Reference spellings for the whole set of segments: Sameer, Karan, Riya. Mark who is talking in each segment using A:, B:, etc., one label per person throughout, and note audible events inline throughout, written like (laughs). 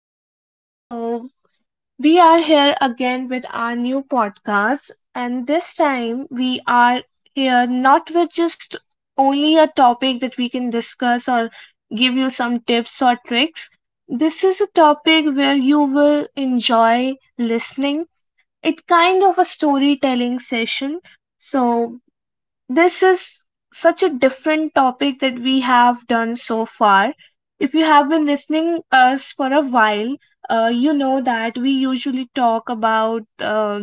A: everyone. So, we are here again with our new podcast, and this time we are here not with just only a topic that we can discuss or give you some tips or tricks. This is a topic where you will enjoy listening. It kind of a storytelling session. So, this is such a different topic that we have done so far. If you have been listening us for a while, you know that we usually talk about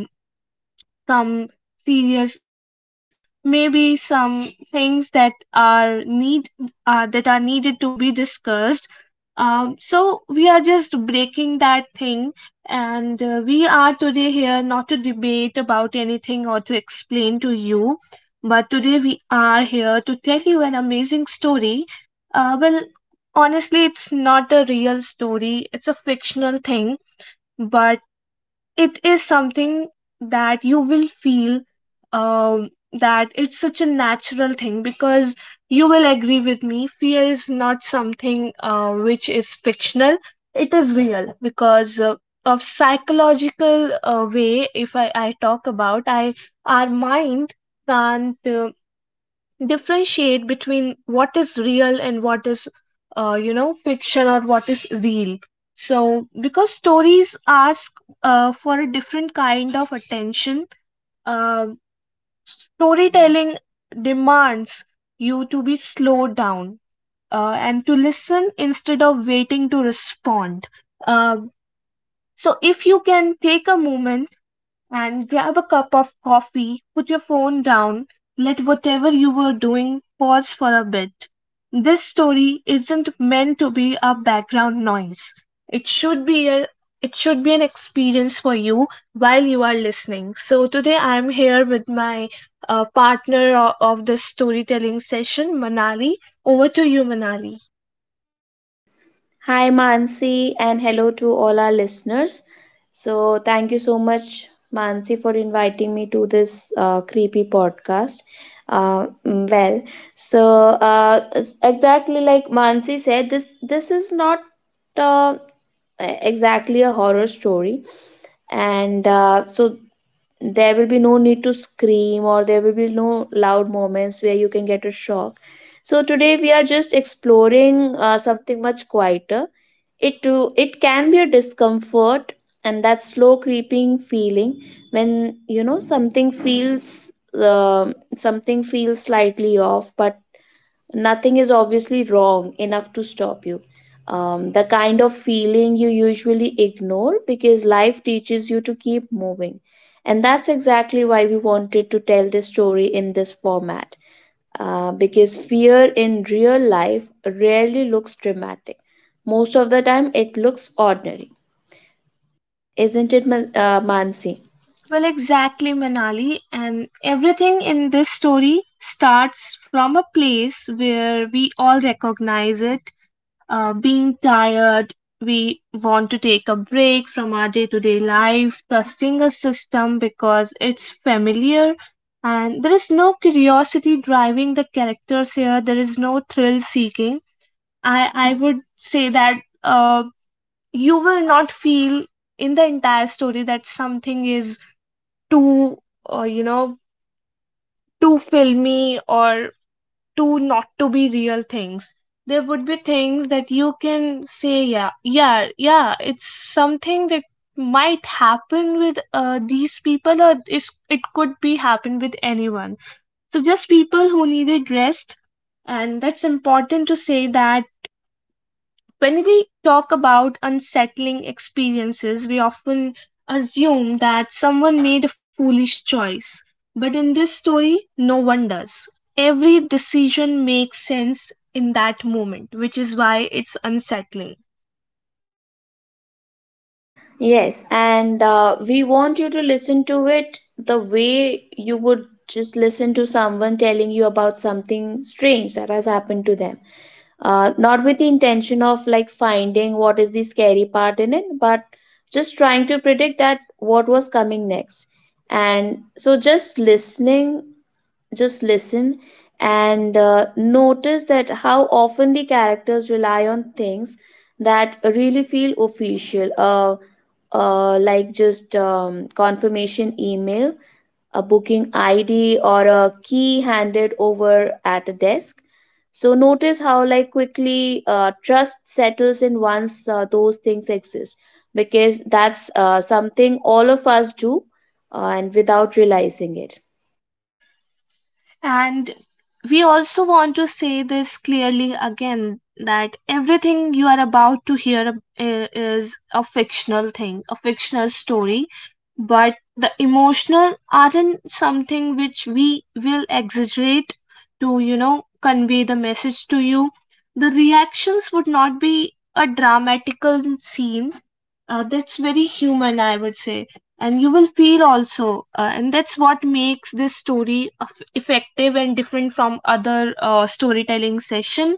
A: some serious issues maybe some things that are need that are needed to be discussed. So we are just breaking that thing, and we are today here not to debate about anything or to explain to you, but today we are here to tell you an amazing story. Well, honestly, it's not a real story, it's a fictional thing, but it is something that you will feel, that it's such a natural thing, because you will agree with me, fear is not something which is fictional. It is real because of psychological way, if I talk about i, our mind can't differentiate between what is real and what is fiction or what is real. So because stories ask for a different kind of attention. uh, Storytelling demands you to be slowed down, and to listen instead of waiting to respond. Um so if you can take a moment and grab a cup of coffee, put your phone down, let whatever you were doing pause for a bit. This story isn't meant to be a background noise. It should be a it should be an experience for you while you are listening. So today I'm here with my partner of this storytelling session, Manali. Over to you, Manali.
B: Hi, Mansi, and hello to all our listeners. Thank you so much, Mansi, for inviting me to this creepy podcast. Uh, mm, well, so exactly like Mansi said, this is not uh, exactly a horror story, and there will be no need to scream, or there will be no loud moments where you can get a shock. So today we are just exploring something much quieter. It too, it can be a discomfort, and that slow creeping feeling when you know something feels slightly off, but nothing is obviously wrong enough to stop you. The kind of feeling you usually ignore because life teaches you to keep moving. And that's exactly why we wanted to tell this story in this format, because fear in real life rarely looks dramatic. Most of the time, it looks ordinary. Isn't it, Mansi?
A: Well, exactly, Manali. And everything in this story starts from a place where we all recognize it. Being tired, we want to take a break from our day to day life, trusting a system because it's familiar. And there is no curiosity driving the characters here, there is no thrill seeking. I would say that uh, you will not feel in the entire story that something is too, uh, you know too filmy or too not to be real things. There would be things that you can say, yeah, yeah, yeah, it's something that might happen with these people, or is it could be happen with anyone. So just people who needed rest, and that's important to say that when we talk about unsettling experiences, we often assume that someone made a foolish choice. But in this story, no one does. Every decision makes sense in that moment, which is why it's unsettling.
B: Yes, and we want you to listen to it the way you would just listen to someone telling you about something strange that has happened to them. Not with the intention of like finding what is the scary part in it, but just trying to predict that what was coming next. And so just listen and notice that how often the characters rely on things that really feel official, like just confirmation email, a booking id, or a key handed over at a desk. So notice how like quickly trust settles in once those things exist, because that's something all of us do, and without realizing it.
A: And we also want to say this clearly again that everything you are about to hear is a fictional thing, a fictional story, but the emotional aren't something which we will exaggerate to, you know, convey the message to you. The reactions would not be a dramatical scene, that's very human, I would say, and you will feel also, and that's what makes this story effective and different from other storytelling session.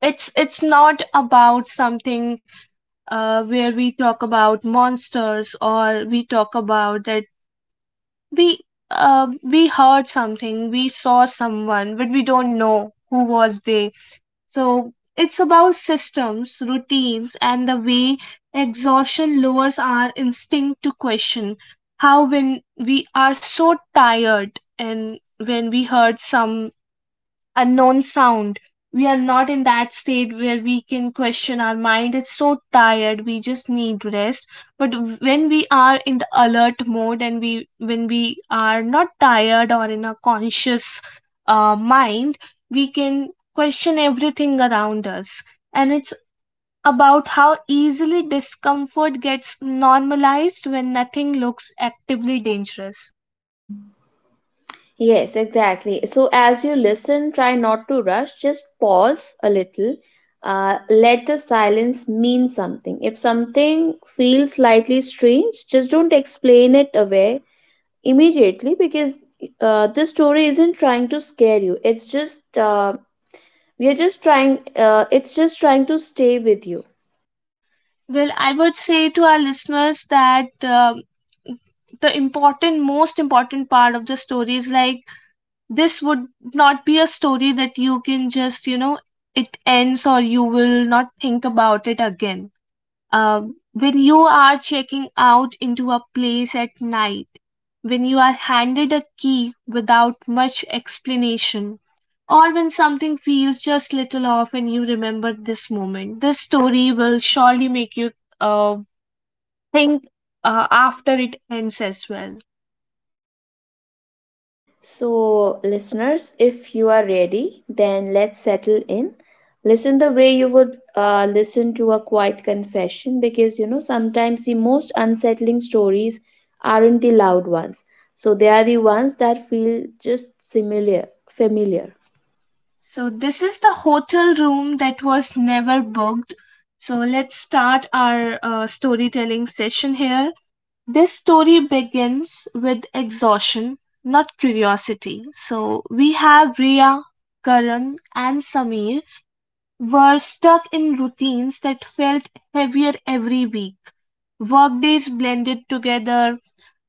A: It's not about something where we talk about monsters, or we talk about that we we heard something, we saw someone, but we don't know who was they. So it's about systems, routines, and the way exhaustion lowers our instinct to question how when we are so tired and when we hurt some unknown sound. We are not in that state where we can question. Our mind is so tired, we just need rest. But when we are in the alert mode, and we when we are not tired or in a conscious mind, we can question everything around us. And it's about how easily discomfort gets normalized when nothing looks actively dangerous.
B: Yes, exactly. So, as you listen, try not to rush. Just pause a little. Let the silence mean something. If something feels slightly strange, just don't explain it away immediately, because this story isn't trying to scare you. We are just trying, it's just trying to stay with you.
A: Well, I would say to our listeners that the important, most important part of the story is like this would not be a story that you can just, you know, it ends or you will not think about it again. When you are checking out into a place at night, when you are handed a key without much explanation, or when something feels just little off and you remember this moment, this story will surely make you uh, think after it ends as well.
B: So, listeners, if you are ready, then let's settle in. Listen the way you would listen to a quiet confession, because you know sometimes the most unsettling stories aren't the loud ones. So, they are the ones that feel just similar, familiar.
A: So, this is the hotel room that was never booked. So, let's start our storytelling session here. This story begins with exhaustion, not curiosity. So we have Riya, Karan, and Sameer were stuck in routines that felt heavier every week. Workdays blended together,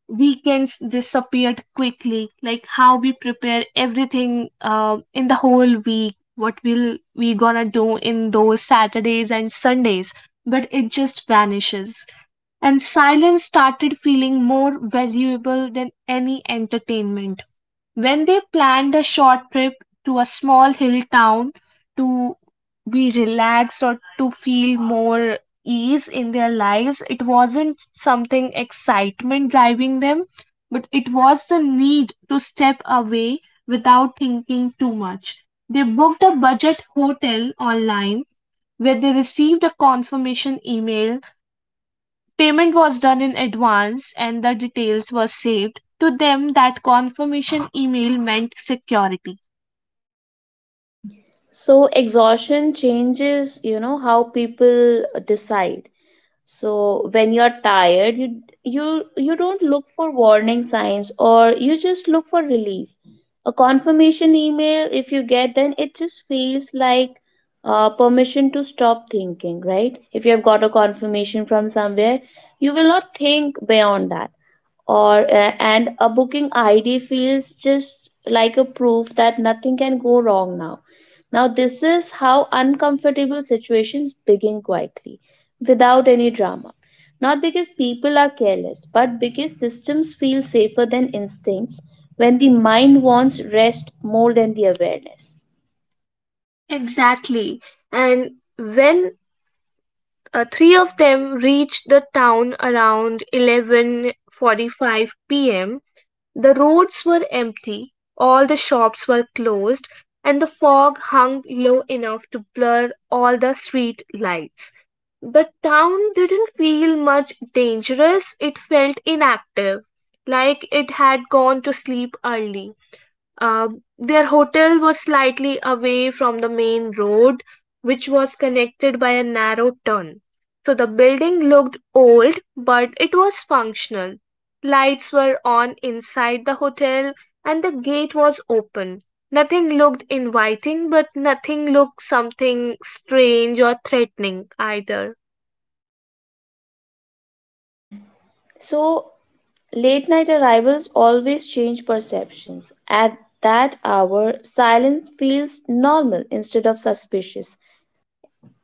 A: weekends disappeared quickly, like how we prepare everything in the whole week, what will we gonna do in those saturdays and sundays, but it just vanishes. And silence started feeling more valuable than any entertainment when they planned a short trip to a small hill town to be relaxed or to feel more ease in their lives. It wasn't something excitement driving them, but it was the need to step away without thinking too much. They booked a budget hotel online, where they received a confirmation email. Payment was done in advance and the details were saved. To them, that confirmation email meant security.
B: So, exhaustion changes, you know, how people decide. So, when you're tired, you don't look for warning signs, or you just look for relief. A confirmation email, if you get, then it just feels like permission to stop thinking, right? If you have got a confirmation from somewhere, you will not think beyond that. Or uh, and a booking id feels just like a proof that nothing can go wrong now. Now this is how uncomfortable situations begin quietly, without any drama, not because people are careless, but because systems feel safer than instincts, when the mind wants rest more than the awareness.
A: Exactly. And when three of them reached the town around 11:45 p.m., the roads were empty, all the shops were closed, and the fog hung low enough to blur all the street lights. The town didn't feel much dangerous; it felt inactive, like it had gone to sleep early. Their hotel was slightly away from the main road, which was connected by a narrow turn. So the building looked old, but it was functional. Lights were on inside the hotel, and the gate was open. Nothing looked inviting, but nothing looked something strange or threatening either.
B: So late night arrivals always change perceptions. At that hour, silence feels normal instead of suspicious.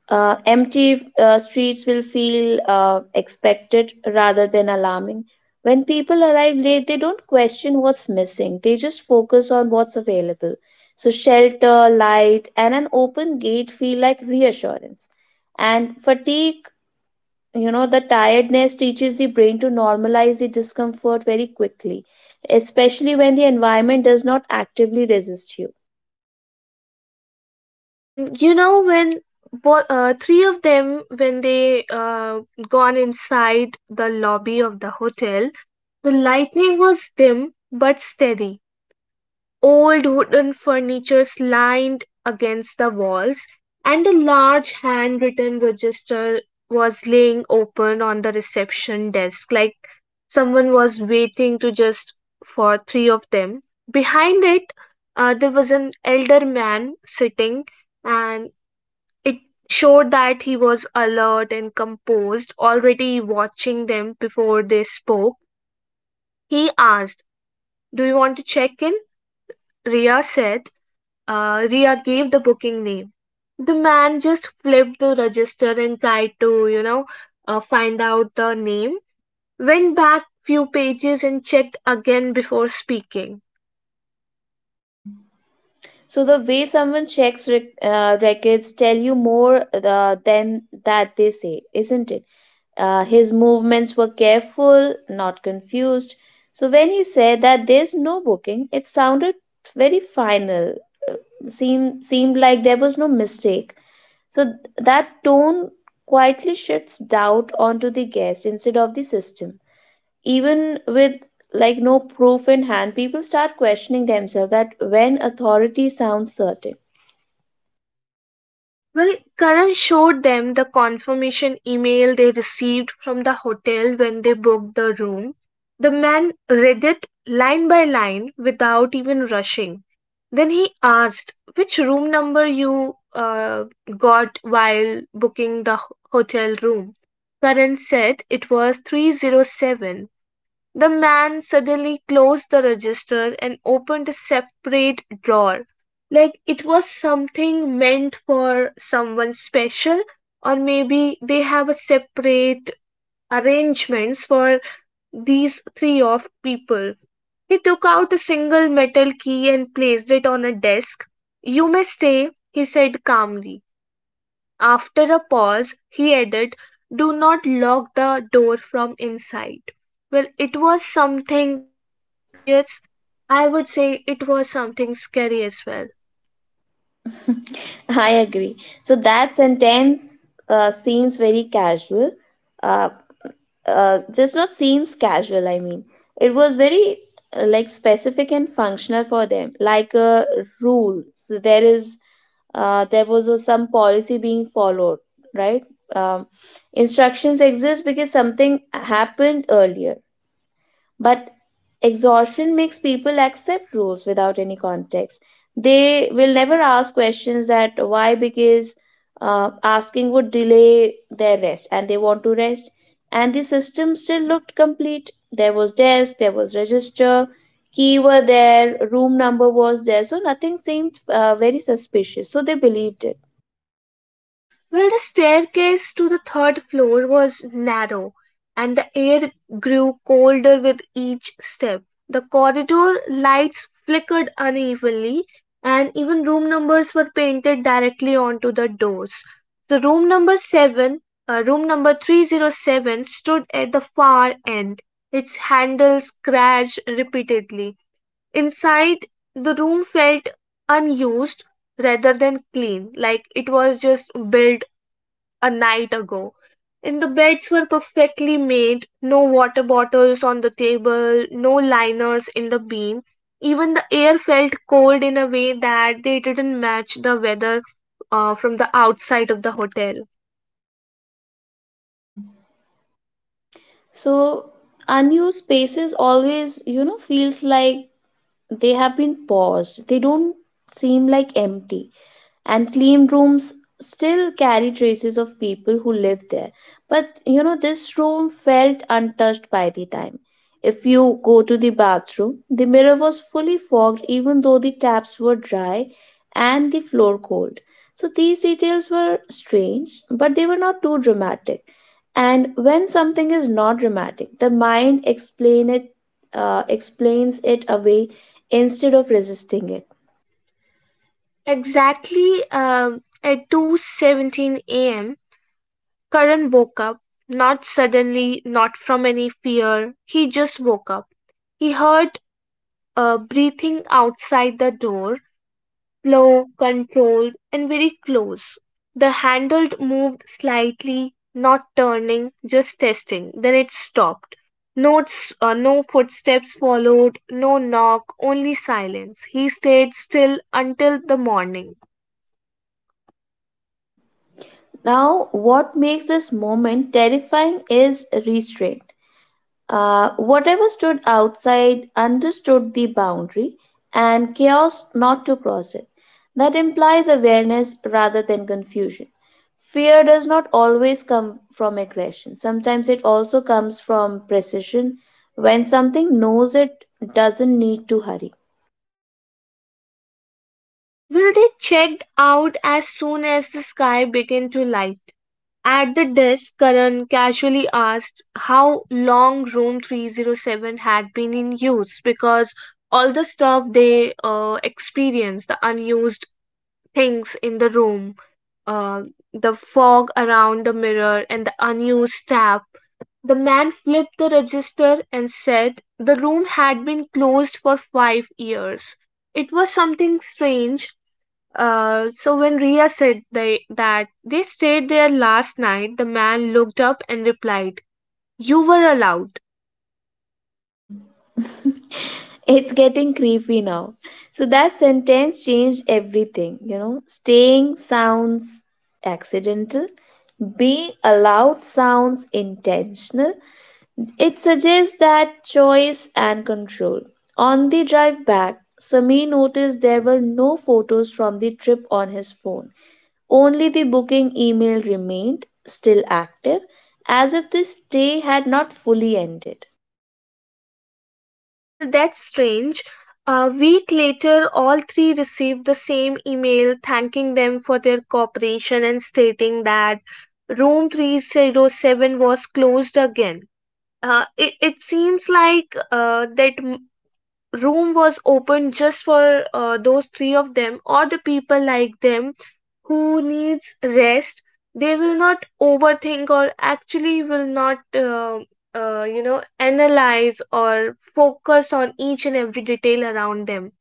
B: Empty streets will feel expected rather than alarming. When people arrive late, they don't question what's missing, they just focus on what's available. So, shelter, light, and an open gate feel like reassurance. And fatigue, you know, the tiredness teaches the brain to normalize the discomfort very quickly, especially when the environment does not actively resist you.
A: And you know, when three of them, when they gone inside the lobby of the hotel, the lightning was dim but steady. Old wooden furniture lined against the walls, and a large handwritten register was laying open on the reception desk, like someone was waiting to just for three of them. Behind it, there was an elder man sitting, and it showed that he was alert and composed, already watching them before they spoke. He asked, "Do you want to check in?" Ria said. Ria gave the booking name. The man just flipped the register and tried to, you know, find out the name. Went back few pages and checked again before speaking.
B: So the way someone checks records tell you more than that they say, isn't it? His movements were careful, not confused. So when he said that there's no booking, it sounded very final. uh, seemed like there was no mistake. So that tone quietly shifts doubt onto the guest instead of the system, even with like no proof in hand. People start questioning themselves that when authority sounds certain.
A: Well, Karan showed them the confirmation email they received from the hotel when they booked the room. The man read it line by line without even rushing. Then he asked which room number you got while booking the hotel room. Karan said it was 307. The man suddenly closed the register and opened a separate drawer, like it was something meant for someone special, or maybe they have a separate arrangements for these three of people. He took out a single metal key and placed it on a desk. "You may stay," he said calmly. After a pause he added, "Do not lock the door from inside." Well, it was something suspicious. I would say it was something scary as well.
B: (laughs) I agree. So that sentence seems very casual, uh, just not seems casual I mean it was very like specific and functional for them, like a rule. So there is, there was a, some policy being followed, right? um, Instructions exist because something happened earlier, but exhaustion makes people accept rules without any context. They will never ask questions that why, because asking would delay their rest and they want to rest. And the system still looked complete. There was desk, there was register, key were there, room number was there. So nothing seemed very suspicious. So they believed it.
A: Well, the staircase to the third floor was narrow, and the air grew colder with each step. The corridor lights flickered unevenly, and even room numbers were painted directly onto the doors. So, room number 307, stood at the far end, its handles scratched repeatedly. Inside, the room felt unused rather than clean, like it was just built a night ago. And the beds were perfectly made, no water bottles on the table, no liners in the beam. Even the air felt cold in a way that they didn't match the weather from the outside of the hotel.
B: So unused spaces always, you know, feels like they have been paused. They don't seem like empty, and clean rooms still carry traces of people who lived there. But you know, this room felt untouched by the time. If you go to the bathroom, the mirror was fully fogged, even though the taps were dry and the floor cold. So these details were strange, but they were not too dramatic. And when something is not dramatic, the mind explains it away instead of resisting it.
A: Exactly. At 2:17 a.m., Karan woke up, not suddenly, not from any fear. He just woke up. He heard breathing outside the door. Slow, controlled, and very close. The handle moved slightly, not turning, just testing. Then it stopped. No footsteps followed, no knock, only silence. He stayed still until the morning.
B: Now what makes this moment terrifying is restraint. Whatever stood outside understood the boundary and chaos not to cross it. That implies awareness rather than confusion. Fear does not always come from aggression, sometimes it also comes from precision, when something knows it doesn't need to hurry.
A: Will they checked out as soon as the sky began to lighten? At the desk, Karan casually asked how long Room 307 had been in use, because all the stuff they experienced, the unused things in the room, uh, the fog around the mirror, and the unused tap. The man flipped the register and said the room had been closed for 5 years. It was something strange, so when Ria said they, that they stayed there last night, the man looked up and replied, "You were allowed."
B: (laughs) It's getting creepy now. So that sentence changed everything, you know. Staying sounds accidental, being allowed sounds intentional. It suggests that choice and control. On the drive back, Sami noticed there were no photos from the trip on his phone. Only the booking email remained still active, as if the stay had not fully ended.
A: Well, that's strange. A week later, all three received the same email thanking them for their cooperation and stating that room 307 was closed again. It seems like that room was open just for those three of them, or the people like them who needs rest. They will not overthink, or actually will not analyze or focus on each and every detail around them.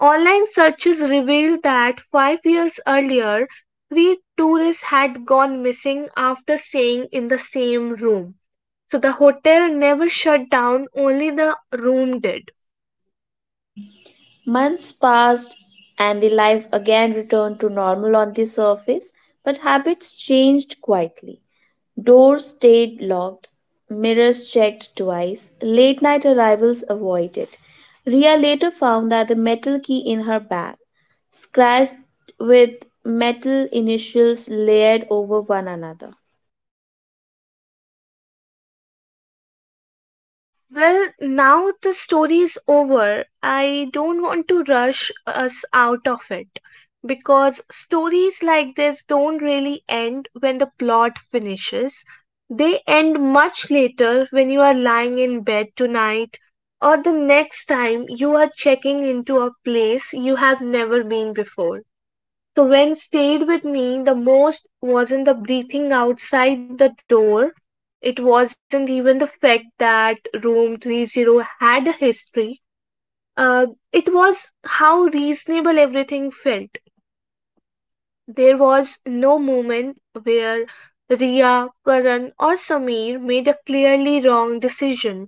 A: Online searches revealed that 5 years earlier, three tourists had gone missing after staying in the same room, so the hotel never shut down, only the room did.
B: Months passed, and the life again returned to normal on the surface, but habits changed quietly. Doors stayed locked, mirrors checked twice, late night arrivals avoided. Ria later found that the metal key in her bag, scratched with metal initials layered over one another.
A: Well, now the story is over, I don't want to rush us out of it, because stories like this don't really end when the plot finishes. They end much later, when you are lying in bed tonight or the next time you are checking into a place you have never been before. So, when stayed with me the most wasn't the breathing outside the door, it wasn't even the fact that room 30 had a history, uh, it was how reasonable everything felt. There was no moment where Ria, Karan, or Sameer made a clearly wrong decision.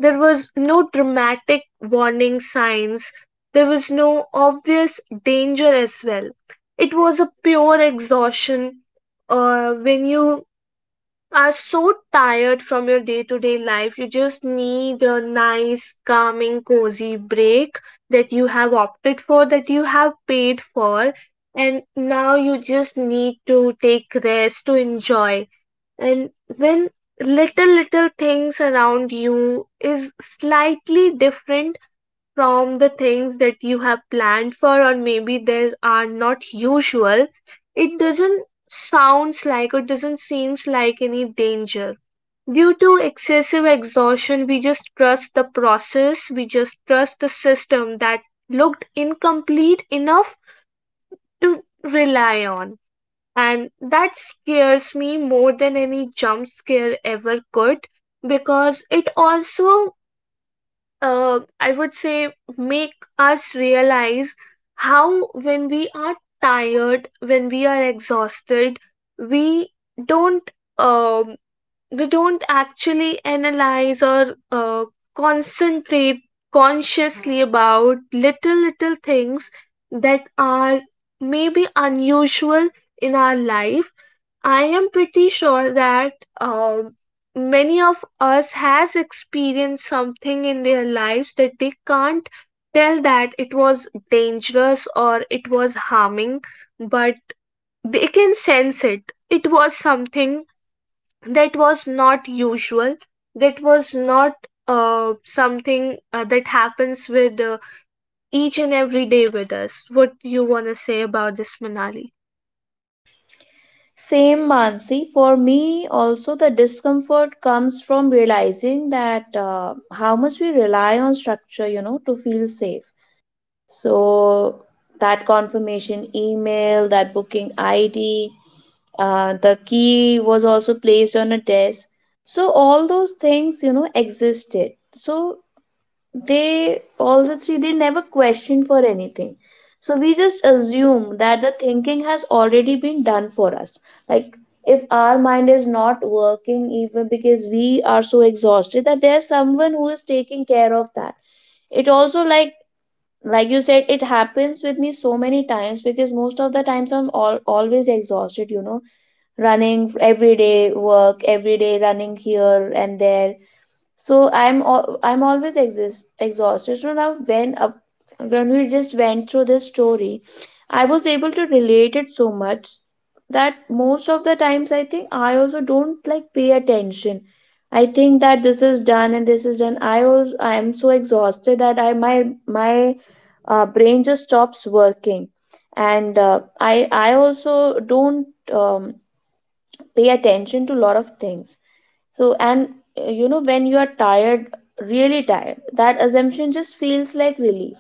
A: There was no dramatic warning signs. There was no obvious danger as well. It was a pure exhaustion, when you are so tired from your day to day life. You just need a nice, calming, cozy break that you have opted for, that you have paid for, and now you just need to take rest to enjoy. And when little little things around you is slightly different from the things that you have planned for, or maybe they are not usual, it doesn't sounds like or doesn't seems like any danger. Due to excessive exhaustion, we just trust the process, we just trust the system that looked incomplete enough to rely on. And that scares me more than any jump scare ever could, because it also, I would say, make us realize how, when we are tired, when we are exhausted, we don't um, we don't actually analyze or uh, concentrate consciously about little little things that are maybe unusual in our life. I am pretty sure that many of us has experienced something in their lives that they can't tell that it was dangerous or it was harming, but they can sense it. It was something that was not usual, that was not something that happens with each and every day with us. What you want to say about this, Manali?
B: Same, Mansi. For me, also, the discomfort comes from realizing that how much we rely on structure, you know, to feel safe. So, that confirmation email, that booking ID, the key was also placed on a desk. So, all those things, you know, existed. So, they all the three, they never question for anything. So we just assume that the thinking has already been done for us. Like, if our mind is not working even because we are so exhausted, that there's someone who is taking care of that. It also, like you said, it happens with me so many times, because most of the times always exhausted, you know, running every day, work every day, running here and there. So I'm always exhausted. So now when we just went through this story, I was able to relate it so much, that most of the times I think I also don't like pay attention. I think that this is done and this is done. I am so exhausted that I my my brain just stops working. And I also don't pay attention to a lot of things. So, and you know, when you are tired, really tired, that assumption just feels like relief.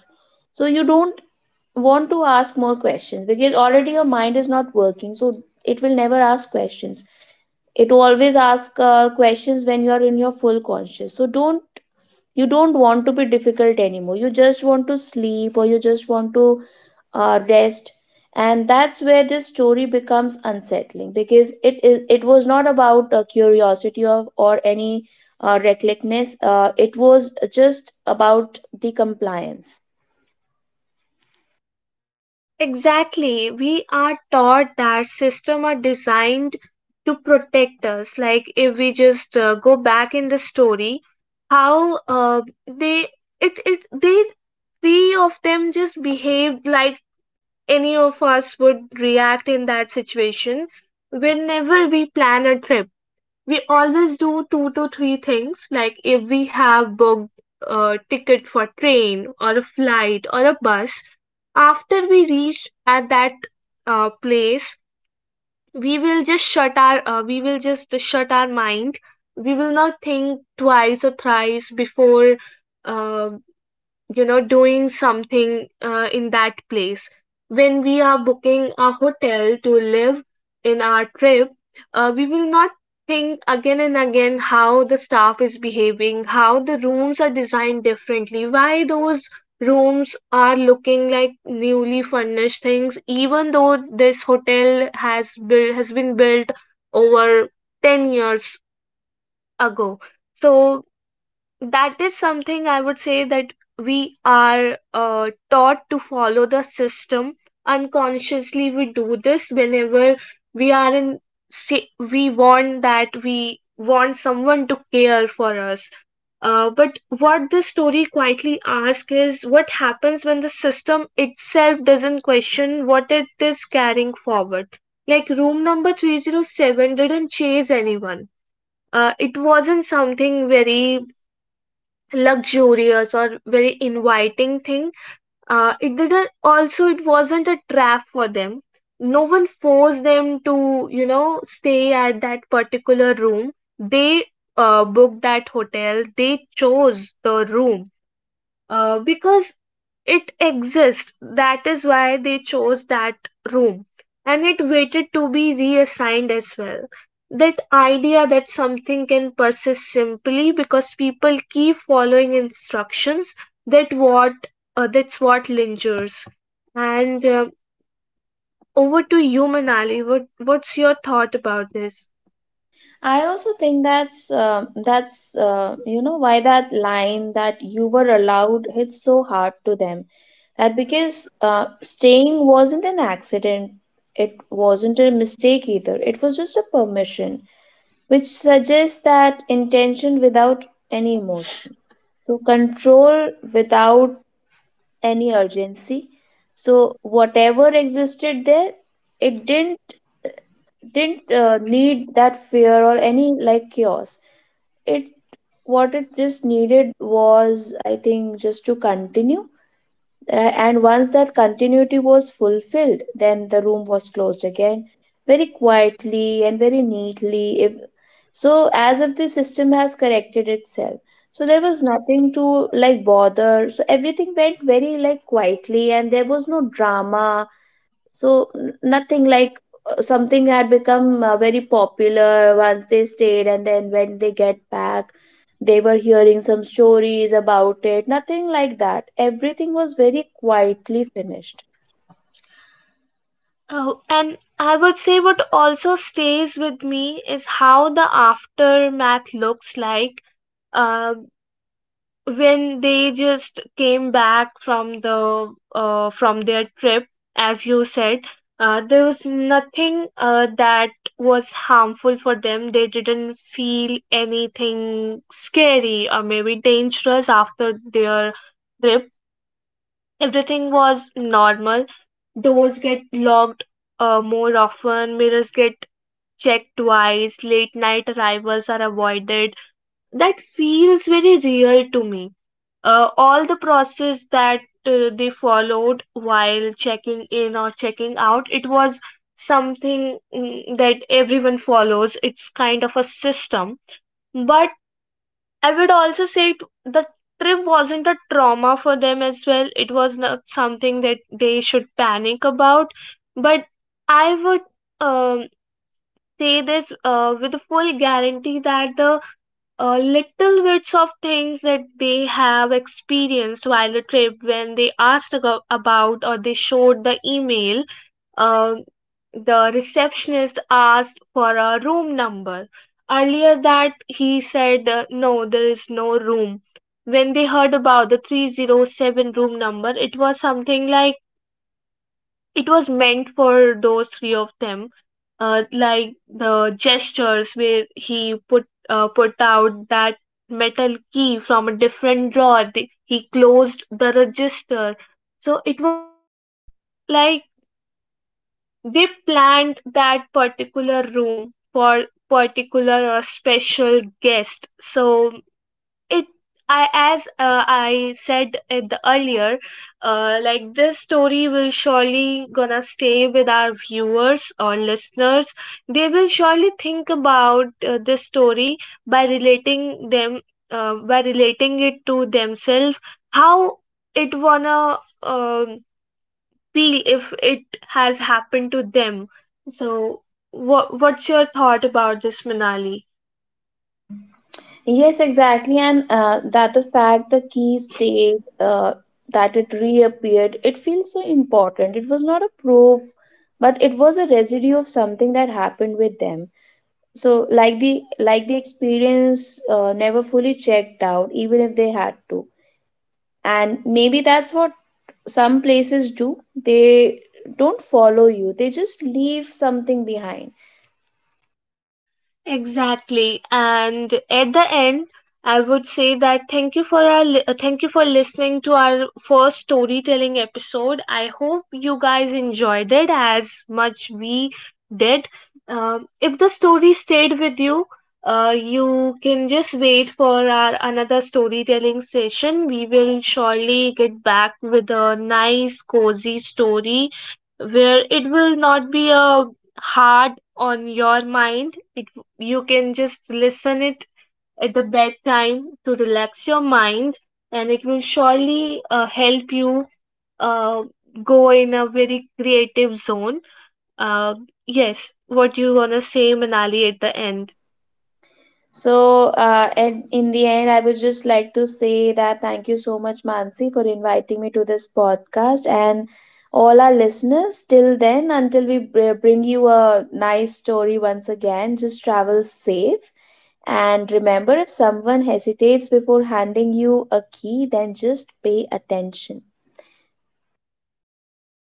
B: So, you don't want to ask more questions, because already your mind is not working. So, it will never ask questions. It always asks questions when you are in your full conscious. So, don't you don't want to be difficult anymore, you just want to sleep, or you just want to rest. And that's where this story becomes unsettling, because it was not about curiosity of, or any recklessness. It was just about the compliance.
A: Exactly. We are taught that systems are designed to protect us. Like if we just go back in the story, how they it is they three of them just behaved like any of us would react in that situation. Whenever we plan a trip, we always do two to three things, like if we have booked a ticket for train or a flight or a bus, after we reach at that place, we will just shut our mind, we will not think twice or thrice before uh, doing something in that place. When we are booking a hotel to live in our trip, we will not think again and again how the staff is behaving, how the rooms are designed differently, why those rooms are looking like newly furnished things, even though this hotel has been built over 10 years ago. So that is something I would say, that we are taught to follow the system. Unconsciously we do this, whenever we are in, say we want that, we want someone to care for us. But what this story quietly asks is, what happens when the system itself doesn't question what it is carrying forward? Like room number 307 didn't chase anyone. It wasn't something very luxurious or very inviting thing. It didn't also It wasn't a trap for them. No one forced them to, you know, stay at that particular room. They booked that hotel, they chose the room, because it exists. That is why they chose that room. And it waited to be reassigned as well. That idea, that something can persist simply because people keep following instructions, that what that's what lingers. And over to you, Manali. What's your thought about this?
B: I also think that's, you know, why that line that you were allowed hits so hard to them. That because staying wasn't an accident, it wasn't a mistake either. It was just a permission, which suggests that intention without any emotion. So control without any urgency. So whatever existed there, it didn't need that fear or any like chaos. It What it just needed was, I think, just to continue. And once that continuity was fulfilled, then the room was closed again very quietly and very neatly, if, so as if the system has corrected itself, so there was nothing to like bother. So everything went very like quietly and there was no drama. So nothing like something had become very popular once they stayed, and then when they get back, they were hearing some stories about it. Nothing like that. Everything was very quietly finished.
A: Oh, and I would say what also stays with me is how the aftermath looks like. um, when they just came back from the from their trip, as you said, there was nothing that was harmful for them. They didn't feel anything scary or maybe dangerous after their trip. Everything was normal. Doors get locked more often, mirrors get checked twice, late night arrivals are avoided. That feels very real to me. All the process that they followed while checking in or checking out, it was something, mm, that everyone follows, it's kind of a system. But I would also say the trip wasn't a trauma for them as well, it was not something that they should panic about. But I would, um, say this with a full guarantee, that the little bits of things that they have experienced while the trip, when they about, or they showed the email, um, the receptionist asked for a room number earlier, that he said, no there is no room. When they heard about the 307 room number, it was something like, it was meant for those three of them. Like the gestures where he put out that metal key from a different drawer, he closed the register. So it was something like they planned that particular room for particular or special guest. So it, I, as I said at the earlier, like this story will surely gonna stay with our viewers or listeners. They will surely think about this story, by relating them, by relating it to themselves. How it wanna um feel if it has happened to them. So, what's your thought about this, Manali?
B: Yes, exactly, and that the fact the key stayed, that it reappeared, it feels so important. It was not a proof, but it was a residue of something that happened with them. So, like the experience never fully checked out, even if they had to. And maybe that's what some places do. They don't follow you. They just leave something behind.
A: Exactly. And at the end, I would say that thank you for thank you for listening to our first storytelling episode. I hope you guys enjoyed it as much we did. If the story stayed with you, you can just wait for our another storytelling session. We will surely get back with a nice cozy story, where it will not be a hard on your mind. It, you can just listen it at the bedtime to relax your mind, and it will surely help you uh, go in a very creative zone. Uh, yes, what you want to say, Manali, at the end?
B: So, and in the end, I would just like to say that thank you so much, Mansi, for inviting me to this podcast and all our listeners. Till then, until we bring you a nice story once again, just travel safe. And remember, if someone hesitates before handing you a key, then just pay attention.